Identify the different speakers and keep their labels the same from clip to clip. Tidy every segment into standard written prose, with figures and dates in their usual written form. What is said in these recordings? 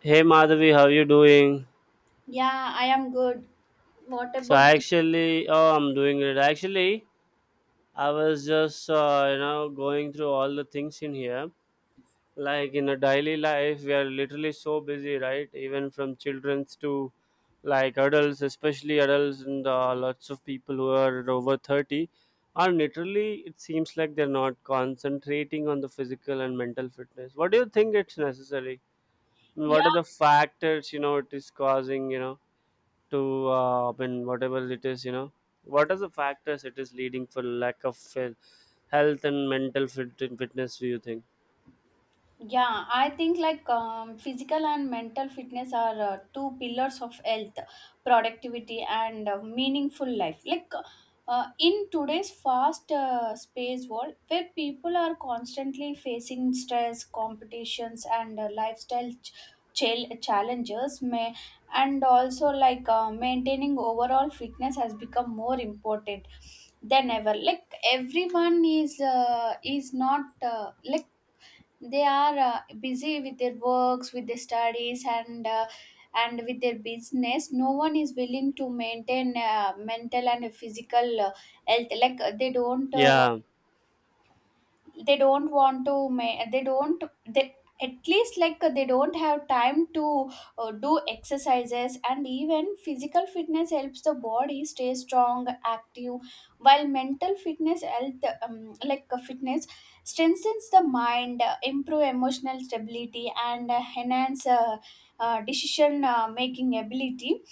Speaker 1: Hey Madhavi, how you doing?
Speaker 2: Yeah, I am good. What
Speaker 1: So
Speaker 2: about?
Speaker 1: I actually, oh, I'm doing great. Actually, I was just, going through all the things in here. Like in a daily life, we are literally so busy, right? Even from childrens to like adults, especially adults, and lots of people who are over 30 are literally, it seems like they're not concentrating on the physical and mental fitness. What do you think, it's necessary? What are
Speaker 2: Yeah,
Speaker 1: the factors, it is causing, you know? To when whatever it is, what are the factors it is leading for lack of health and mental fitness, do you think?
Speaker 2: Yeah, I think physical and mental fitness are two pillars of health, productivity, and meaningful life. In today's fast space world, where people are constantly facing stress, competitions, and lifestyle challenges, may. And also maintaining overall fitness has become more important than ever. Like everyone is not like they are busy with their works, with their studies, and with their business. No one is willing to maintain mental and physical health. They don't
Speaker 1: Yeah.
Speaker 2: they don't want to they don't, they at least like they don't have time to do exercises. And even physical fitness helps the body stay strong, active, while mental fitness, health like fitness strengthens the mind, improve emotional stability, and enhance decision making ability.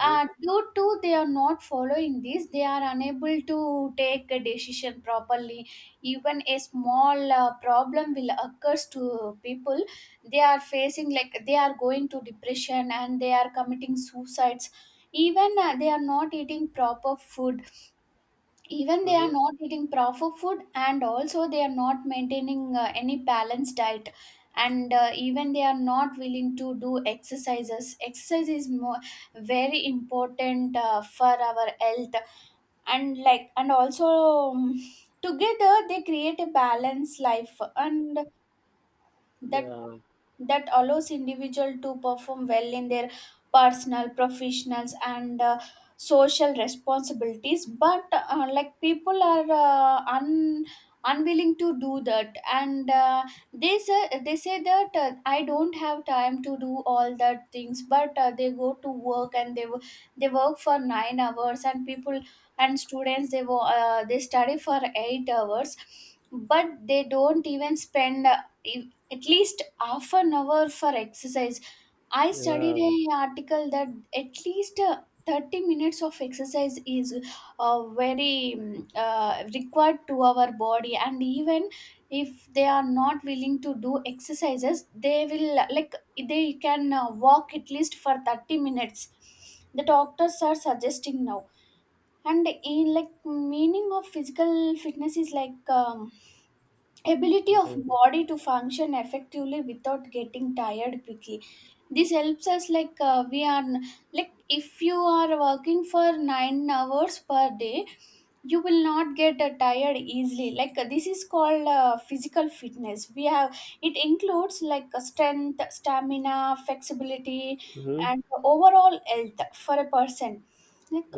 Speaker 1: Mm-hmm.
Speaker 2: Due to they are not following this, they are unable to take a decision properly. Even a small problem will occurs to people. They are facing, like they are going to depression, and they are committing suicides. Even they are not eating proper food. Even they are
Speaker 1: Mm-hmm.
Speaker 2: not eating proper food, and also they are not maintaining any balanced diet. And even they are not willing to do exercises. Exercise is more, very important for our health. And like, and also um, together they create a balanced life, and that
Speaker 1: Yeah,
Speaker 2: that allows individual to perform well in their personal, professionals, and social responsibilities. But like people are un unwilling to do that. And they say that I don't have time to do all that things. But they go to work, and they work for 9 hours. And people and students, they study for 8 hours, but they don't even spend at least half an hour for exercise. I studied
Speaker 1: yeah.
Speaker 2: an article that at least 30 minutes of exercise is very required to our body. And even if they are not willing to do exercises, they will like they can walk at least for 30 minutes. The doctors are suggesting now. And in, like, meaning of physical fitness is like. Ability
Speaker 1: Yeah.
Speaker 2: of
Speaker 1: Mm-hmm.
Speaker 2: body to function effectively without getting tired quickly. This helps us like we are, like if you are working for 9 hours per day, you will not get tired easily. This is called physical fitness we have. It includes strength, stamina, flexibility,
Speaker 1: Mm-hmm.
Speaker 2: and overall health for a person. Like,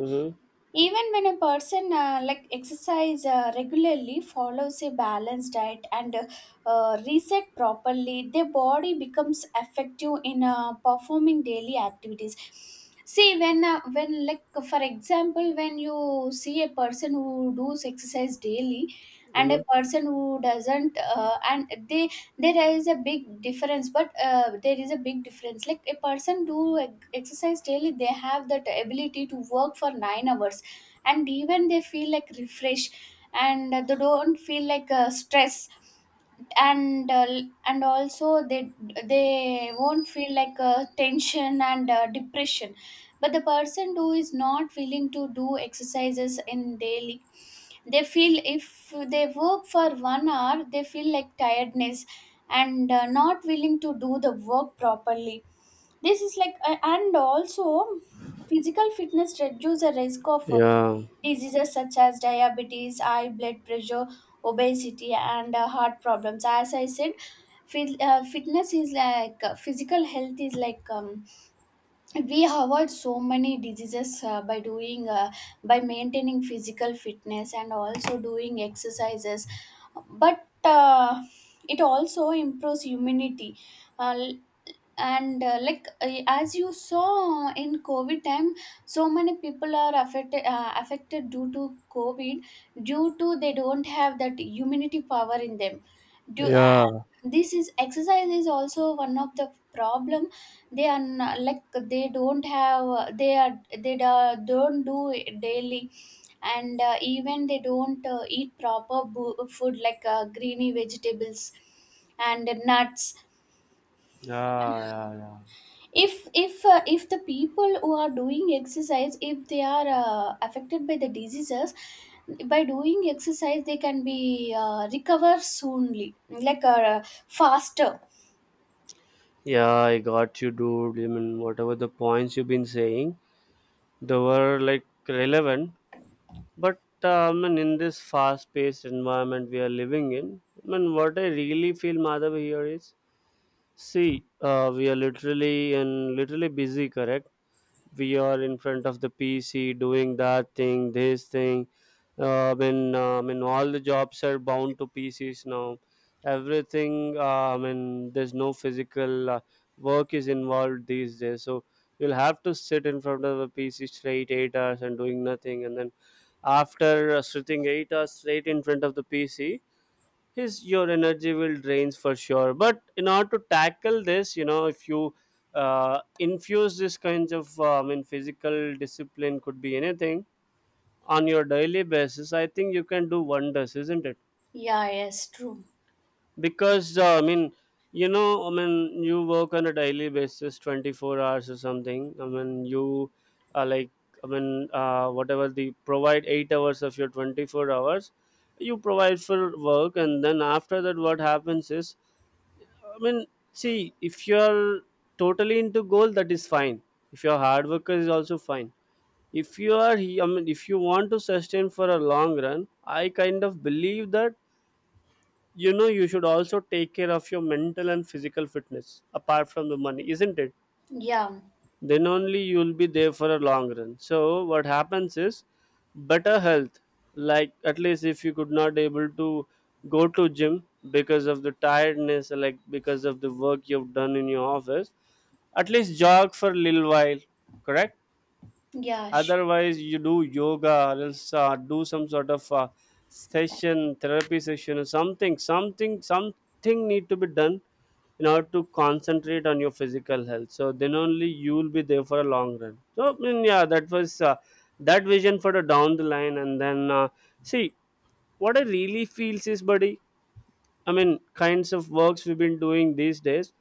Speaker 2: even when a person like exercise regularly, follows a balanced diet, and reset properly, their body becomes effective in performing daily activities. See, when, like for example, when you see a person who does exercise daily and
Speaker 1: Mm-hmm.
Speaker 2: a person who doesn't, and they, there is a big difference. But there is a big difference, like a person do exercise daily, they have that ability to work for 9 hours. And even they feel like refreshed, and they don't feel like stress. And and also they won't feel like tension and depression. But the person who is not willing to do exercises in daily, they feel if they work for 1 hour, they feel like tiredness, and not willing to do the work properly. This is like And also physical fitness reduce the risk of
Speaker 1: Yeah. Yeah.
Speaker 2: diseases such as diabetes, high blood pressure, obesity, and heart problems. As I said, fitness is physical health is like. We avoid so many diseases by doing by maintaining physical fitness, and also doing exercises. But it also improves immunity. Uh, and like As you saw in covid time, so many people are affected due to covid, due to they don't have that immunity power in them. Do
Speaker 1: Yeah,
Speaker 2: This is, exercise is also one of the problem. They are not, like they don't have they are, they don't do it daily. And even they don't eat proper food like greeny vegetables and nuts.
Speaker 1: yeah, yeah,
Speaker 2: If the people who are doing exercise, if they are affected by the diseases, by doing exercise they can be recover soonly, faster.
Speaker 1: yeah, I got you, dude. I mean, whatever the points you've been saying, they were like relevant. But and in this fast-paced environment we are living in, I mean, what I really feel, Madhav, here is, see, we are literally and literally busy, correct? We are in front of the PC doing that thing, this thing. I mean, all the jobs are bound to PCs now. Everything, I mean, there's no physical work is involved these days. So you'll have to sit in front of a PC straight 8 hours and doing nothing, and then after sitting 8 hours straight in front of the PC, his your energy will drains for sure. But in order to tackle this, if you infuse this kinds of I mean physical discipline, could be anything on your daily basis, I think you can do wonders, isn't it?
Speaker 2: Yeah, yes, true.
Speaker 1: Because I mean, you work on a daily basis 24 hours or something. I mean, you are like, I mean, whatever the provide 8 hours of your 24 hours you provide for work. And then after that, what happens is, I mean, see, if you're totally into goal, that is fine. If you're hard worker, is also fine. If you are, I mean, if you want to sustain for a long run, I kind of believe that, you should also take care of your mental and physical fitness apart from the money, isn't it?
Speaker 2: Yeah,
Speaker 1: Then only you'll be there for a long run. So what happens is, better health. Like at least if you could not able to go to gym because of the tiredness, like because of the work you've done in your office, at least jog for a little while, correct?
Speaker 2: yeah, sh-.
Speaker 1: Otherwise, you do yoga, or else do some sort of session, therapy session, or something, something, something need to be done in order to concentrate on your physical health. So then only you will be there for a long run. So I mean, yeah, that was that vision for the down the line. And then see, what I really feels is, buddy, I mean, kinds of works we've been doing these days,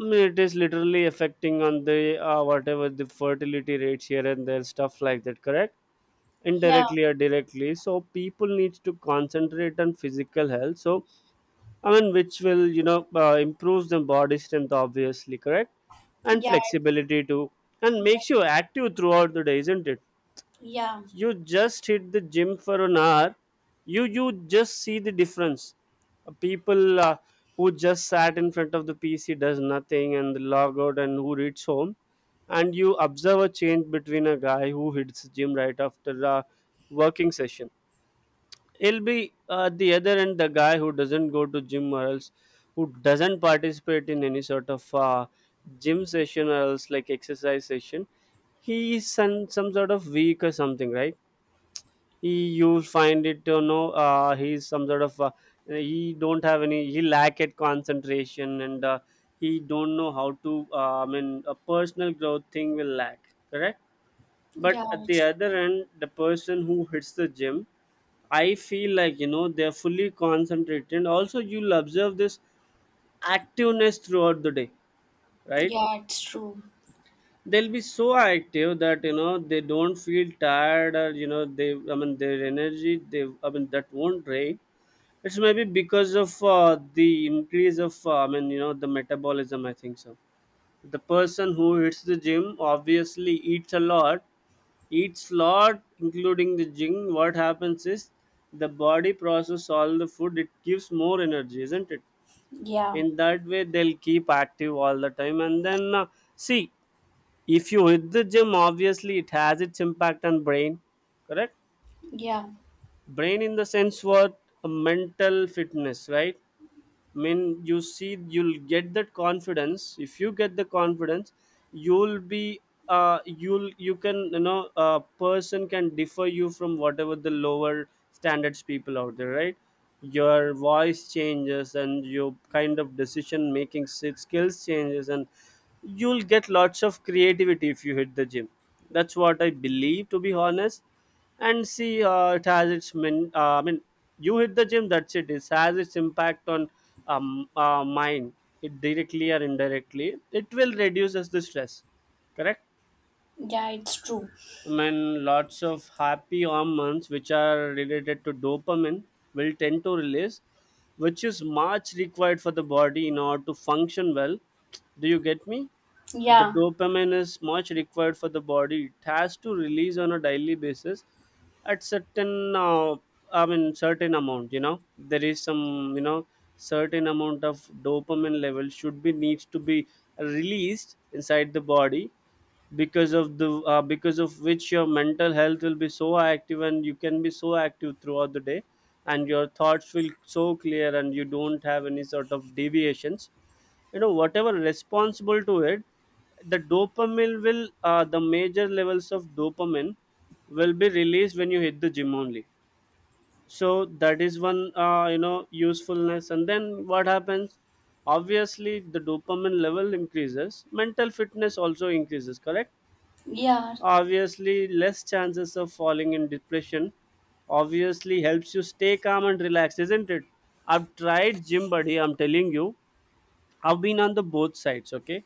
Speaker 1: I mean, it is literally affecting on the whatever the fertility rates here and there, stuff like that, correct?
Speaker 2: Yeah,
Speaker 1: Indirectly or directly, so people needs to concentrate on physical health. So I mean, which will, improves the body strength, obviously, correct? And
Speaker 2: yeah,
Speaker 1: flexibility too. And makes you active throughout the day, isn't it?
Speaker 2: yeah, yeah.
Speaker 1: You just hit the gym for an hour, you just see the difference. People who just sat in front of the pc does nothing and log out and who reads home. And you observe a change between a guy who hits gym right after a working session. He'll be at the other end. The guy who doesn't go to gym, or else who doesn't participate in any sort of gym session, or else like exercise session, he is some sort of weak or something, right? he You find it, he's some sort of he don't have any, he lack at concentration. And he don't know how to I mean, a personal growth thing will lack, correct? But
Speaker 2: Yeah,
Speaker 1: at the
Speaker 2: it's.
Speaker 1: other end, the person who hits the gym, I feel like, they're fully concentrated. And also you'll observe this activeness throughout the day, right?
Speaker 2: Yeah, it's true.
Speaker 1: They'll be so active that, they don't feel tired, or they, I mean, their energy, they, I mean, that won't drain. It's maybe because of the increase of, I mean, the metabolism, I think so. The person who hits the gym obviously eats a lot, eats lot, including the gym. What happens is the body process all the food, it gives more energy, isn't it?
Speaker 2: Yeah,
Speaker 1: In that way, they'll keep active all the time. And then, see, if you hit the gym, obviously it has its impact on brain, correct?
Speaker 2: yeah.
Speaker 1: Brain in the sense what? A mental fitness, right? I mean, you see, you'll get that confidence. If you get the confidence, you'll be you can, a person can differ you from whatever the lower standards people out there, right? Your voice changes, and your kind of decision making skills changes, and you'll get lots of creativity if you hit the gym. That's what I believe, to be honest. And see, it has its min I mean, you hit the gym, that's it, it has its impact on mind. It directly or indirectly, it will reduces the stress, correct?
Speaker 2: Yeah, it's true.
Speaker 1: I mean, lots of happy hormones which are related to dopamine will tend to release, which is much required for the body in order to function well. Do you get me? The
Speaker 2: Yeah,
Speaker 1: dopamine is much required for the body. It has to release on a daily basis at certain, I mean, certain amount. There is some, certain amount of dopamine level should be needs to be released inside the body. Because of which your mental health will be so active, and you can be so active throughout the day. And your thoughts will so clear, and you don't have any sort of deviations, you know, whatever responsible to it. The major levels of dopamine will be released when you hit the gym only. So that is one usefulness. And then what happens, obviously the dopamine level increases, mental fitness also increases, correct?
Speaker 2: yeah,
Speaker 1: Obviously less chances of falling in depression. Obviously helps you stay calm and relaxed, isn't it? I've tried gym, buddy, I'm telling you. I've been on the both sides, okay.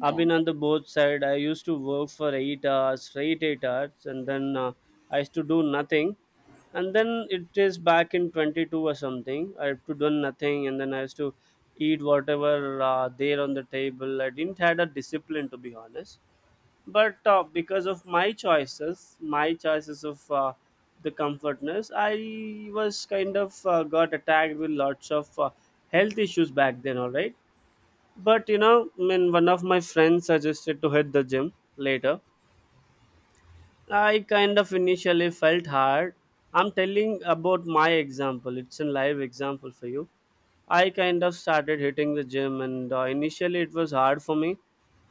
Speaker 1: I've been on the both side. I used to work for 8 hours, straight 8 hours, and then I used to do nothing. And then it is back in 22 or something. I have to do nothing, and then I used to eat whatever there on the table. I didn't had a discipline, to be honest. But because of my choices of the comfortness, I was kind of got attacked with lots of health issues back then. All right. But when one of my friends suggested to hit the gym later, I kind of initially felt hard. I'm telling about my example. It's a live example for you. I kind of started hitting the gym, and initially it was hard for me.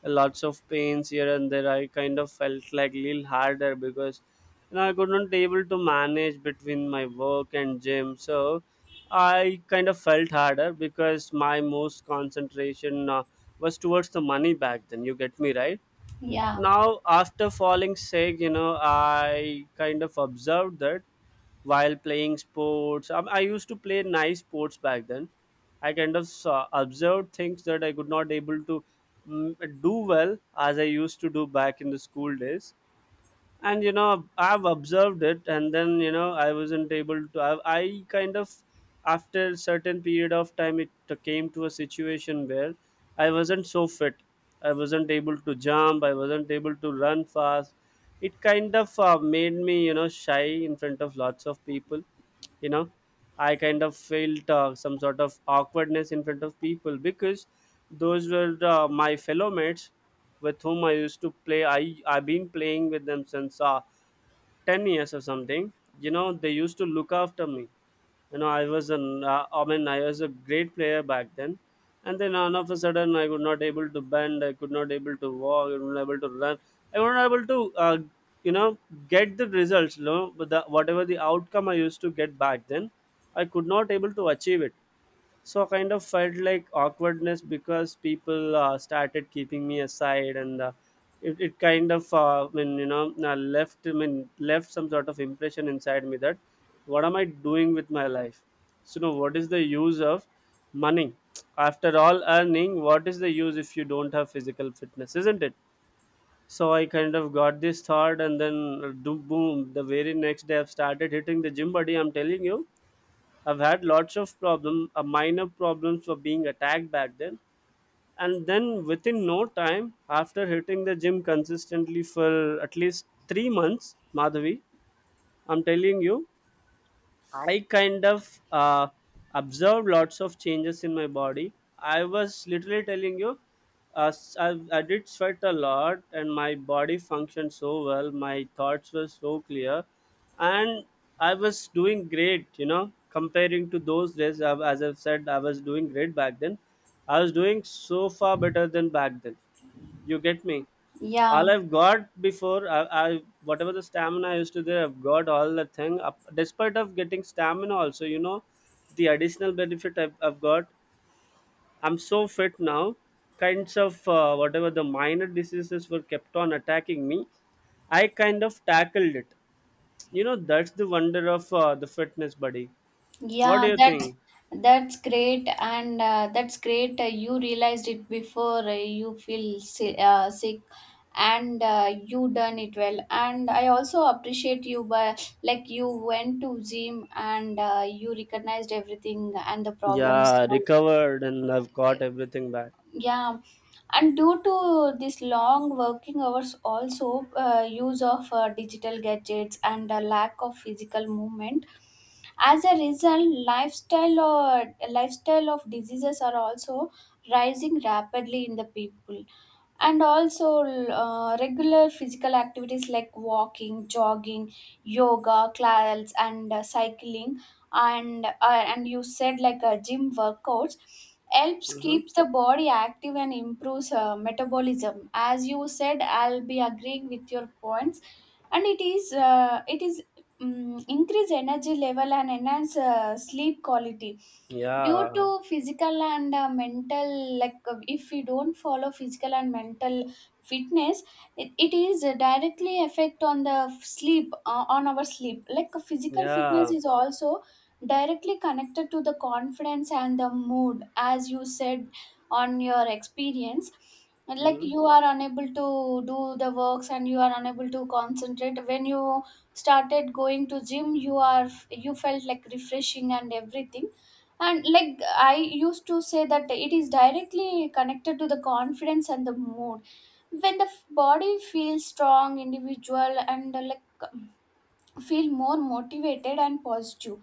Speaker 1: Lots of pains here and there. I kind of felt like little harder, because I could not able to manage between my work and gym. So I kind of felt harder because my most concentration was towards the money back then. You get me, right?
Speaker 2: yeah,
Speaker 1: Now after falling sick, I kind of observed that while playing sports, I used to play nice sports back then. I kind of observed things that I could not able to do well as I used to do back in the school days. And I've observed it. And then, I wasn't able to, I kind of, after a certain period of time, it came to a situation where I wasn't so fit. I wasn't able to jump, I wasn't able to run fast. It kind of made me, shy in front of lots of people. you know I kind of felt some sort of awkwardness in front of people because those were my fellow mates with whom I used to play. I've been playing with them since 10 years or something. You know, they used to look after me. You know I was an I mean I was a great player back then. And then all of a sudden, I could not able to bend, I could not able to walk, I was not able to run, I was not able to uh, you know get the results, but whatever the outcome I used to get back then, I could not able to achieve it. So kind of felt like awkwardness because people started keeping me aside. And it kind of left, left some sort of impression inside me that what am I doing with my life. So now what is the use of money? After all earning, what is the use if you don't have physical fitness, isn't it? So I kind of got this thought. And then do boom, the very next day I've started hitting the gym. Buddy, I'm telling you, I've had lots of problem, minor problems, for being attacked back then. And then within no time, after hitting the gym consistently for at least 3 months, Madhavi, I'm telling you, I kind of observed lots of changes in my body. I was literally telling you, I did sweat a lot, and my body functioned so well. My thoughts were so clear, and I was doing great. You know, comparing to those days, as I've said, I was doing great back then. I was doing so far better than back then. You get me?
Speaker 2: yeah.
Speaker 1: All I've got before, I whatever the stamina I used to there, I've got all the thing up, despite of getting stamina also, the additional benefit I've got. I'm so fit now. Kinds of whatever the minor diseases were kept on attacking me, I kind of tackled it. You know, that's the wonder of the fitness, buddy. What do
Speaker 2: Yeah,
Speaker 1: you
Speaker 2: that's
Speaker 1: think?
Speaker 2: that's great, and that's great. You realized it before you feel sick, and you done it well. And I also appreciate you by, like you went to gym and you recognized everything and the problems
Speaker 1: Yeah,
Speaker 2: solved.
Speaker 1: recovered, and I've got everything back.
Speaker 2: Yeah, and due to this long working hours, also use of digital gadgets and a lack of physical movement. As a result, lifestyle, or lifestyle of diseases, are also rising rapidly in the people. And also, regular physical activities like walking, jogging, yoga, class, and cycling and you said gym workouts helps
Speaker 1: Hmm.
Speaker 2: keeps the body active and improves metabolism. As you said, I'll be agreeing with your points. And it is uh, it is um, increase energy level and enhance sleep quality. Due
Speaker 1: Yeah.
Speaker 2: to physical and mental, if we don't follow physical and mental fitness, it is directly affect on the sleep, on our sleep. Physical fitness
Speaker 1: Yeah.
Speaker 2: is also directly connected to the confidence and the mood, as you said on your experience. And like,
Speaker 1: Hmm.
Speaker 2: you are unable to do the works, and you are unable to concentrate. When you started going to gym, you are, you felt like refreshing and everything. And like I used to say that it is directly connected to the confidence and the mood. When the body feels strong, individual, and like feel more motivated and positive.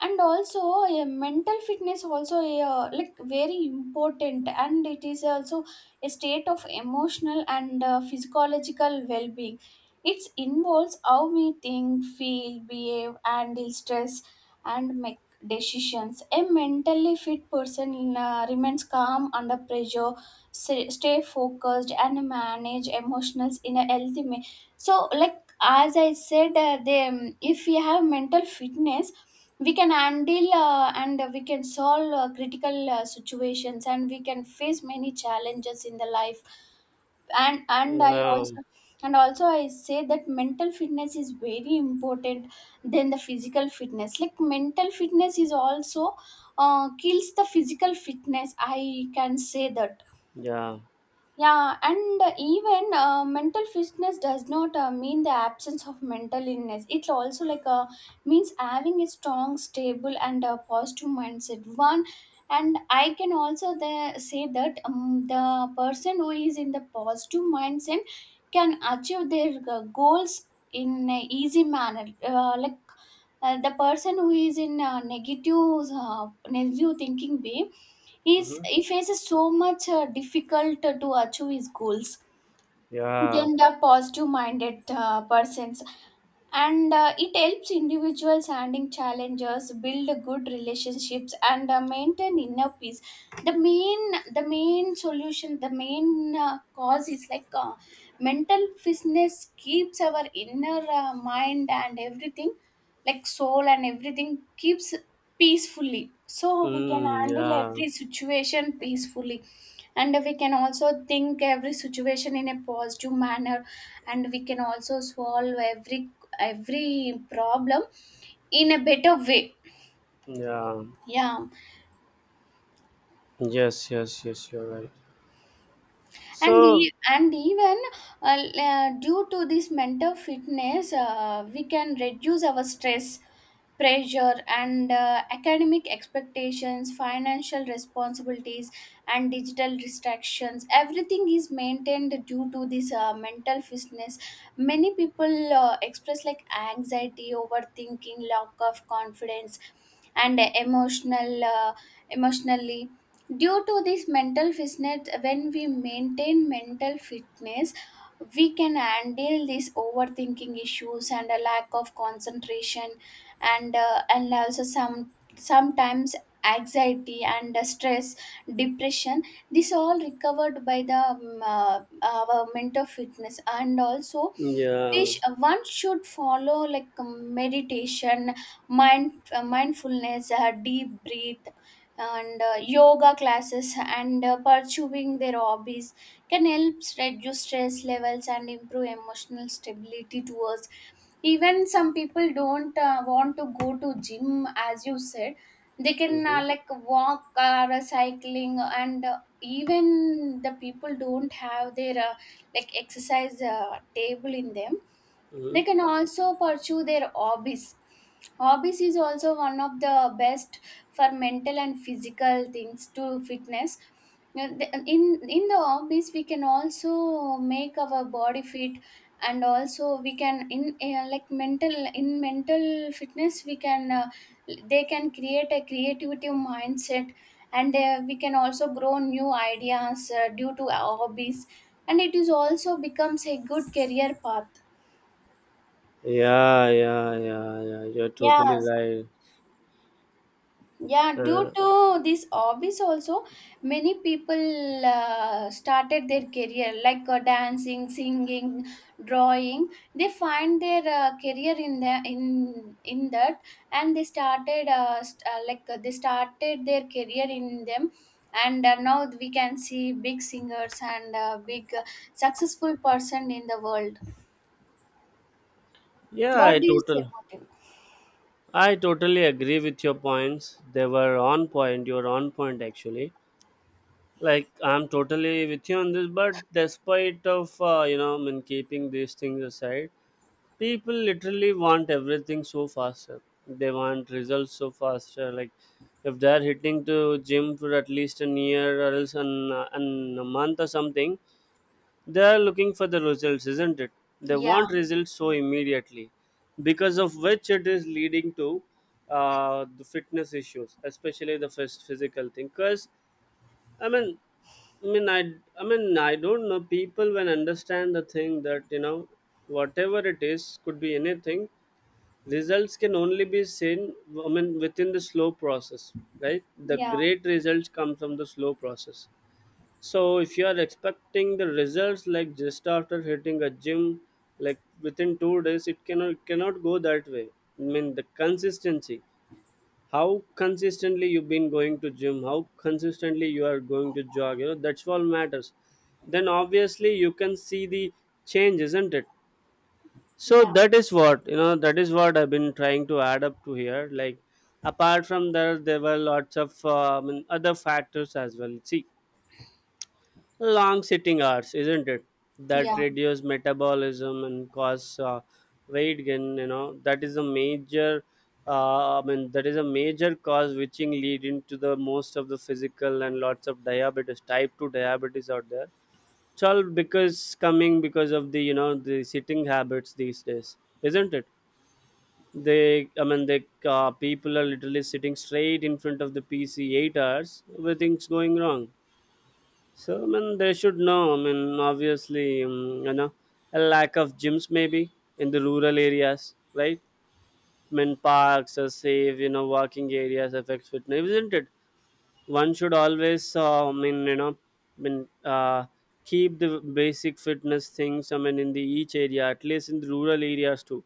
Speaker 2: And also a mental fitness also like very important, and it is also a state of emotional and physiological well-being. It involves how we think, feel, behave, and deal stress, and make decisions. A mentally fit person remains calm under pressure, stay focused, and manage emotions in a healthy way. So like, as I said, if we have mental fitness, we can handle and we can solve critical situations, and we can face many challenges in the life. and and i
Speaker 1: Yeah.
Speaker 2: also and also I say that mental fitness is very important than the physical fitness. Like mental fitness is also kills the physical fitness, I can say that.
Speaker 1: Yeah.
Speaker 2: Yeah, and even mental fitness does not mean the absence of mental illness. It also means having a strong, stable, and positive mindset. One, and I can also say that the person who is in the positive mindset can achieve their goals in an easy manner. The person who is in a negative, negative thinking way,
Speaker 1: Hmm.
Speaker 2: he faces so much difficult to achieve his goals
Speaker 1: Yeah.
Speaker 2: than the positive minded persons. And it helps individuals handling challenges, build good relationships, and maintain inner peace. The main solution, the main cause is mental fitness keeps our inner mind and everything, like soul and everything, keeps peacefully, so we can
Speaker 1: Mm,
Speaker 2: handle
Speaker 1: yeah.
Speaker 2: every situation peacefully. And we can also think every situation in a positive manner, and we can also solve every problem in a better way.
Speaker 1: Yeah.
Speaker 2: Yeah.
Speaker 1: Yes, yes, yes, you're right.
Speaker 2: and
Speaker 1: So,
Speaker 2: e- and even due to this mental fitness, we can reduce our stress, pressure, and academic expectations, financial responsibilities, and digital distractions. Everything is maintained due to this mental fitness. Many people express like anxiety, overthinking, lack of confidence, and emotionally. Due to this mental fitness, when we maintain mental fitness, we can handle these overthinking issues and a lack of concentration. And and also some, sometimes anxiety and stress, depression, this all recovered by the our mental fitness. And also
Speaker 1: yeah.
Speaker 2: which one should follow, like meditation, mindfulness, deep breath, and yoga classes, and pursuing their hobbies can help reduce stress levels and improve emotional stability towards. Even some people don't want to go to gym, as you said. They can
Speaker 1: Mm-hmm,
Speaker 2: like walk or cycling. And even the people don't have their like exercise table in them,
Speaker 1: mm-hmm.
Speaker 2: they can also pursue their hobbies. Hobbies is also one of the best for mental and physical things to fitness. Now, in the hobbies we can also make our body fit And also we can in like mental in mental fitness we can they can create a creativity mindset and we can also grow new ideas due to our hobbies, and it is also becomes a good career path.
Speaker 1: Yeah, yeah, yeah, yeah. You're totally
Speaker 2: Yes,
Speaker 1: right.
Speaker 2: yeah, due
Speaker 1: Uh,
Speaker 2: to this hobbies also, many people started their career like dancing, singing, drawing. They find their career in the in that, and they started they started their career in them. And now we can see big singers and big successful person in the world.
Speaker 1: yeah,
Speaker 2: What
Speaker 1: I
Speaker 2: do you say
Speaker 1: total
Speaker 2: about it?
Speaker 1: I totally agree with your points. They were on point. You're on point actually. Like, I'm totally with you on this, but despite of keeping these things aside, people literally want everything so faster. They want results so faster. Like, if they're hitting to gym for at least a year, or else an a month or something, they're looking for the results, isn't it? They
Speaker 2: Yeah,
Speaker 1: want results so immediately, because of which it is leading to the fitness issues, especially the first physical thing. Because I mean I mean, I, I mean, I don't know. People, when understand the thing that, you know, whatever it is, could be anything, results can only be seen, within the slow process, right? The
Speaker 2: yeah,
Speaker 1: great results come from the slow process. So if you are expecting the results like just after hitting a gym, like within 2 days, it cannot go that way. I mean, the consistency, how consistently you've been going to gym, how consistently you are going to jog, you know, that's all matters. Then obviously you can see the change, isn't it? So
Speaker 2: yeah,
Speaker 1: that is what, you know, that is what I've been trying to add up to here. Like, apart from that, there were lots of and other factors as well. See, long sitting hours, isn't it, that
Speaker 2: yeah,
Speaker 1: reduce metabolism and cause weight gain. You know, that is a major that is a major cause which in leading to the most of the physical, and lots of diabetes, type 2 diabetes out there. It's all because coming because of the, you know, the sitting habits these days, isn't it? They I mean they People are literally sitting straight in front of the PC 8 hours, everything's going wrong. So I mean they should know. I mean obviously, you know, a lack of gyms maybe in the rural areas, right? I mean, parks are safe, you know, walking areas affects fitness, isn't it? One should always keep the basic fitness things, I mean, in the each area, at least in the rural areas too.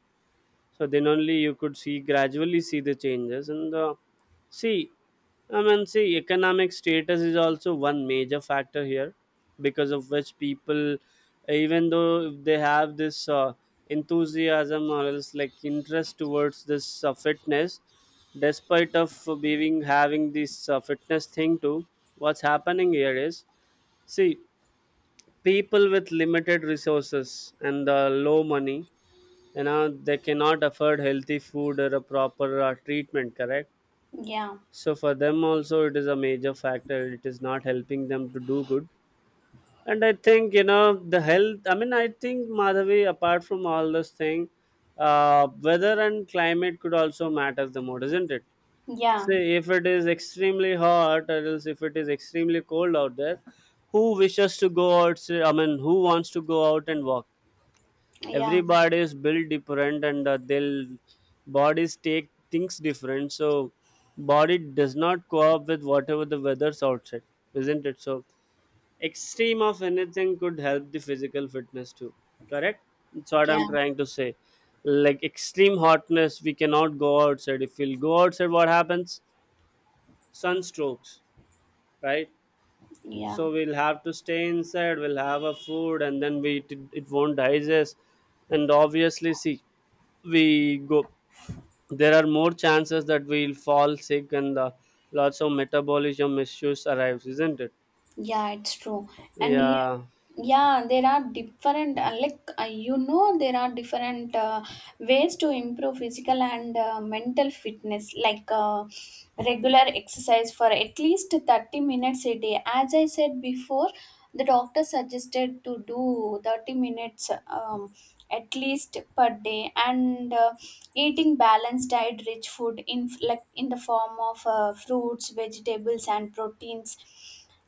Speaker 1: So then only you could see gradually see the changes. And the, see, I mean, see, economic status is also one major factor here, because of which people, even though if they have this enthusiasm, or else like interest towards this fitness, despite of being having this fitness thing too, what's happening here is, see, people with limited resources and low money, you know, they cannot afford healthy food or a proper treatment, correct?
Speaker 2: yeah,
Speaker 1: So for them also it is a major factor, it is not helping them to do good. And I think, you know, the health, I mean, I think, Madhavi, apart from all this thing, weather and climate could also matter the more, isn't it?
Speaker 2: yeah.
Speaker 1: Say if it is extremely hot, or else if it is extremely cold out there, who wishes to go out? I mean, who wants to go out and walk?
Speaker 2: Yeah,
Speaker 1: Everybody is built different, and they'll bodies take things different. So body does not co-op with whatever the weather's outside, isn't it? So extreme of anything could help the physical fitness too, correct? That's what I'm
Speaker 2: yeah,
Speaker 1: trying to say. Like, extreme hotness, we cannot go outside. If we'll go outside, what happens? Sunstrokes, right?
Speaker 2: yeah.
Speaker 1: So we'll have to stay inside, we'll have a food, and then we it won't digest. And obviously, see, we go there are more chances that we'll fall sick, and lots of metabolism issues arrives, isn't it?
Speaker 2: Yeah, it's true. And yeah,
Speaker 1: Yeah.
Speaker 2: yeah, there are different, there are different ways to improve physical and mental fitness, like regular exercise for at least 30 minutes a day. As I said before, the doctor suggested to do 30 minutes at least per day, and eating balanced diet, rich food in, like, in the form of fruits, vegetables, and proteins.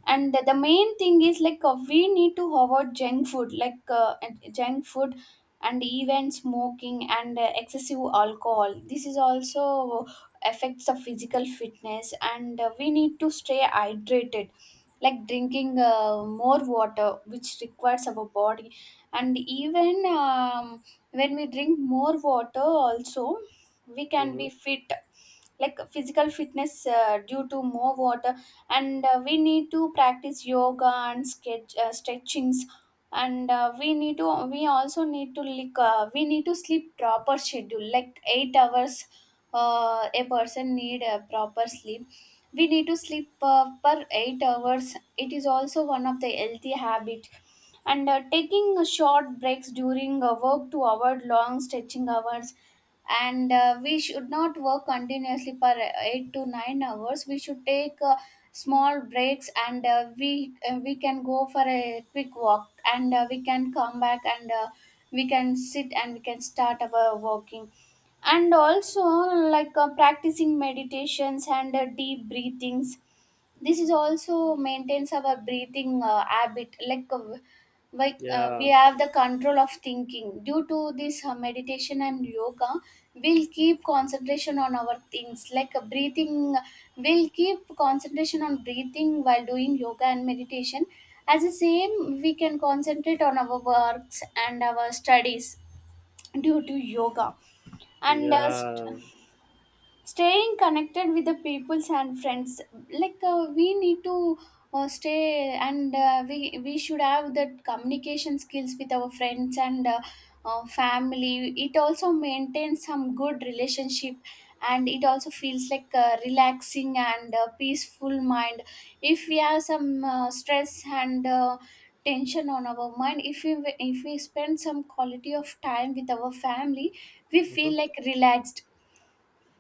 Speaker 2: And the main thing is like we need to avoid junk food like junk food and even smoking and excessive alcohol. This is also affects the physical fitness, and we need to stay hydrated like drinking more water which requires our body. And even when we drink more water also we can be
Speaker 1: Hmm.
Speaker 2: fit, like physical fitness due to more water. And we need to practice yoga and sketch stretchings, and we need to, we also need to, like we need to sleep proper schedule, like 8 hours. A person need a proper sleep. We need to sleep per 8 hours. It is also one of the healthy habit. And taking short breaks during work to avoid long stretching hours, and we should not work continuously for 8 to 9 hours. We should take small breaks, and we can go for a quick walk, and we can come back, and we can sit, and we can start our walking. And also like practicing meditations and deep breathings. This is also maintains our breathing habit, like
Speaker 1: Yeah.
Speaker 2: we have the control of thinking due to this meditation and yoga. We'll keep concentration on our things like breathing. We'll keep concentration on breathing while doing yoga and meditation. As the same, we can concentrate on our works and our studies due to yoga. And
Speaker 1: Yeah.
Speaker 2: staying connected with the peoples and friends, like we need to stay, and we should have that communication skills with our friends and family. It also maintains some good relationship, and it also feels like a relaxing and peaceful mind. If we have some stress and tension on our mind, if we spend some quality of time with our family, we
Speaker 1: Hmm.
Speaker 2: feel like relaxed.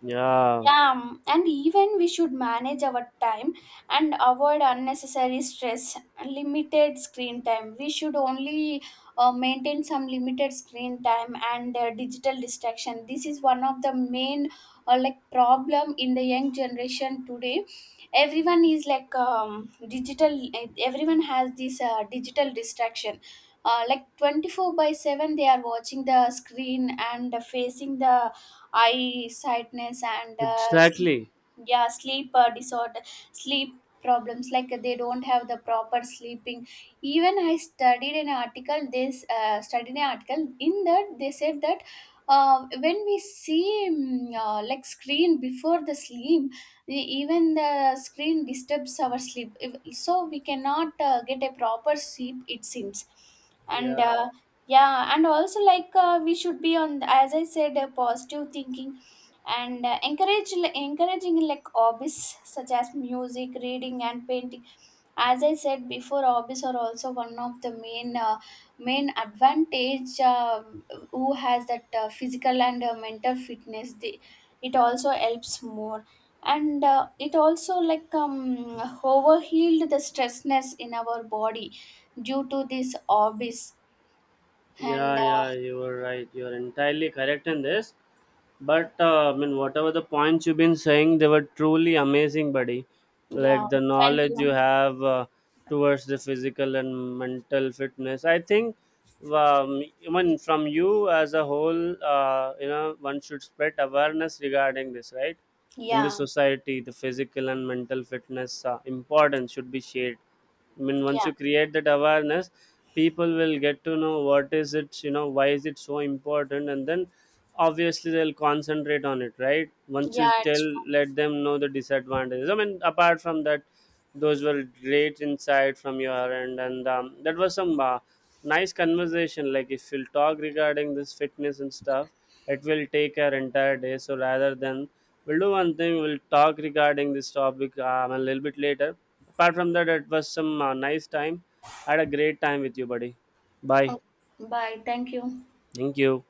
Speaker 1: Yeah.
Speaker 2: Yeah, and even we should manage our time and avoid unnecessary stress, limited screen time. We should only maintain some limited screen time and digital distraction. This is one of the main like problem in the young generation today. Everyone is like digital. Everyone has this digital distraction. Like 24 by 7 they are watching the screen and facing the eye sightness and sleep,
Speaker 1: Exactly.
Speaker 2: yeah, sleep disorder, sleep problems, like they don't have the proper sleeping. Even I studied an article, this studied an article, in that they said that when we see like screen before the sleep, even the screen disturbs our sleep. So we cannot get a proper sleep, it seems. And
Speaker 1: Yeah.
Speaker 2: yeah, and also like we should be on, as I said, positive thinking, and encourage like, encouraging like hobbies such as music, reading, and painting. As I said before, hobbies are also one of the main main advantage. Who has that physical and mental fitness, they, it also helps more. And it also like overhealed the stressness in our body due to these hobbies.
Speaker 1: Yeah,
Speaker 2: And
Speaker 1: yeah, you are right, you are entirely correct in this. But I mean, whatever the points you've been saying, they were truly amazing, buddy. Like
Speaker 2: yeah,
Speaker 1: the
Speaker 2: thank
Speaker 1: knowledge you
Speaker 2: you.
Speaker 1: have towards the physical and mental fitness. I think, I mean, from you as a whole, you know, one should spread awareness regarding this, right? In the
Speaker 2: Yeah,
Speaker 1: society, the physical and mental fitness importance should be shared. I mean, once
Speaker 2: yeah,
Speaker 1: you create that awareness, people will get to know what is it, you know, why is it so important, and then obviously they'll concentrate on it, right? Once you
Speaker 2: yeah,
Speaker 1: tell,
Speaker 2: it's
Speaker 1: let them know the disadvantages, I mean, apart from that, those were great insight from your end. And that was some nice conversation. Like, if you'll talk regarding this fitness and stuff, it will take our entire day. So rather than, we'll do one thing, we'll talk regarding this topic a little bit later. Apart from that, it was some nice time. I had a great time with you, buddy. Bye.
Speaker 2: true. Oh, bye. Thank you.
Speaker 1: Thank you.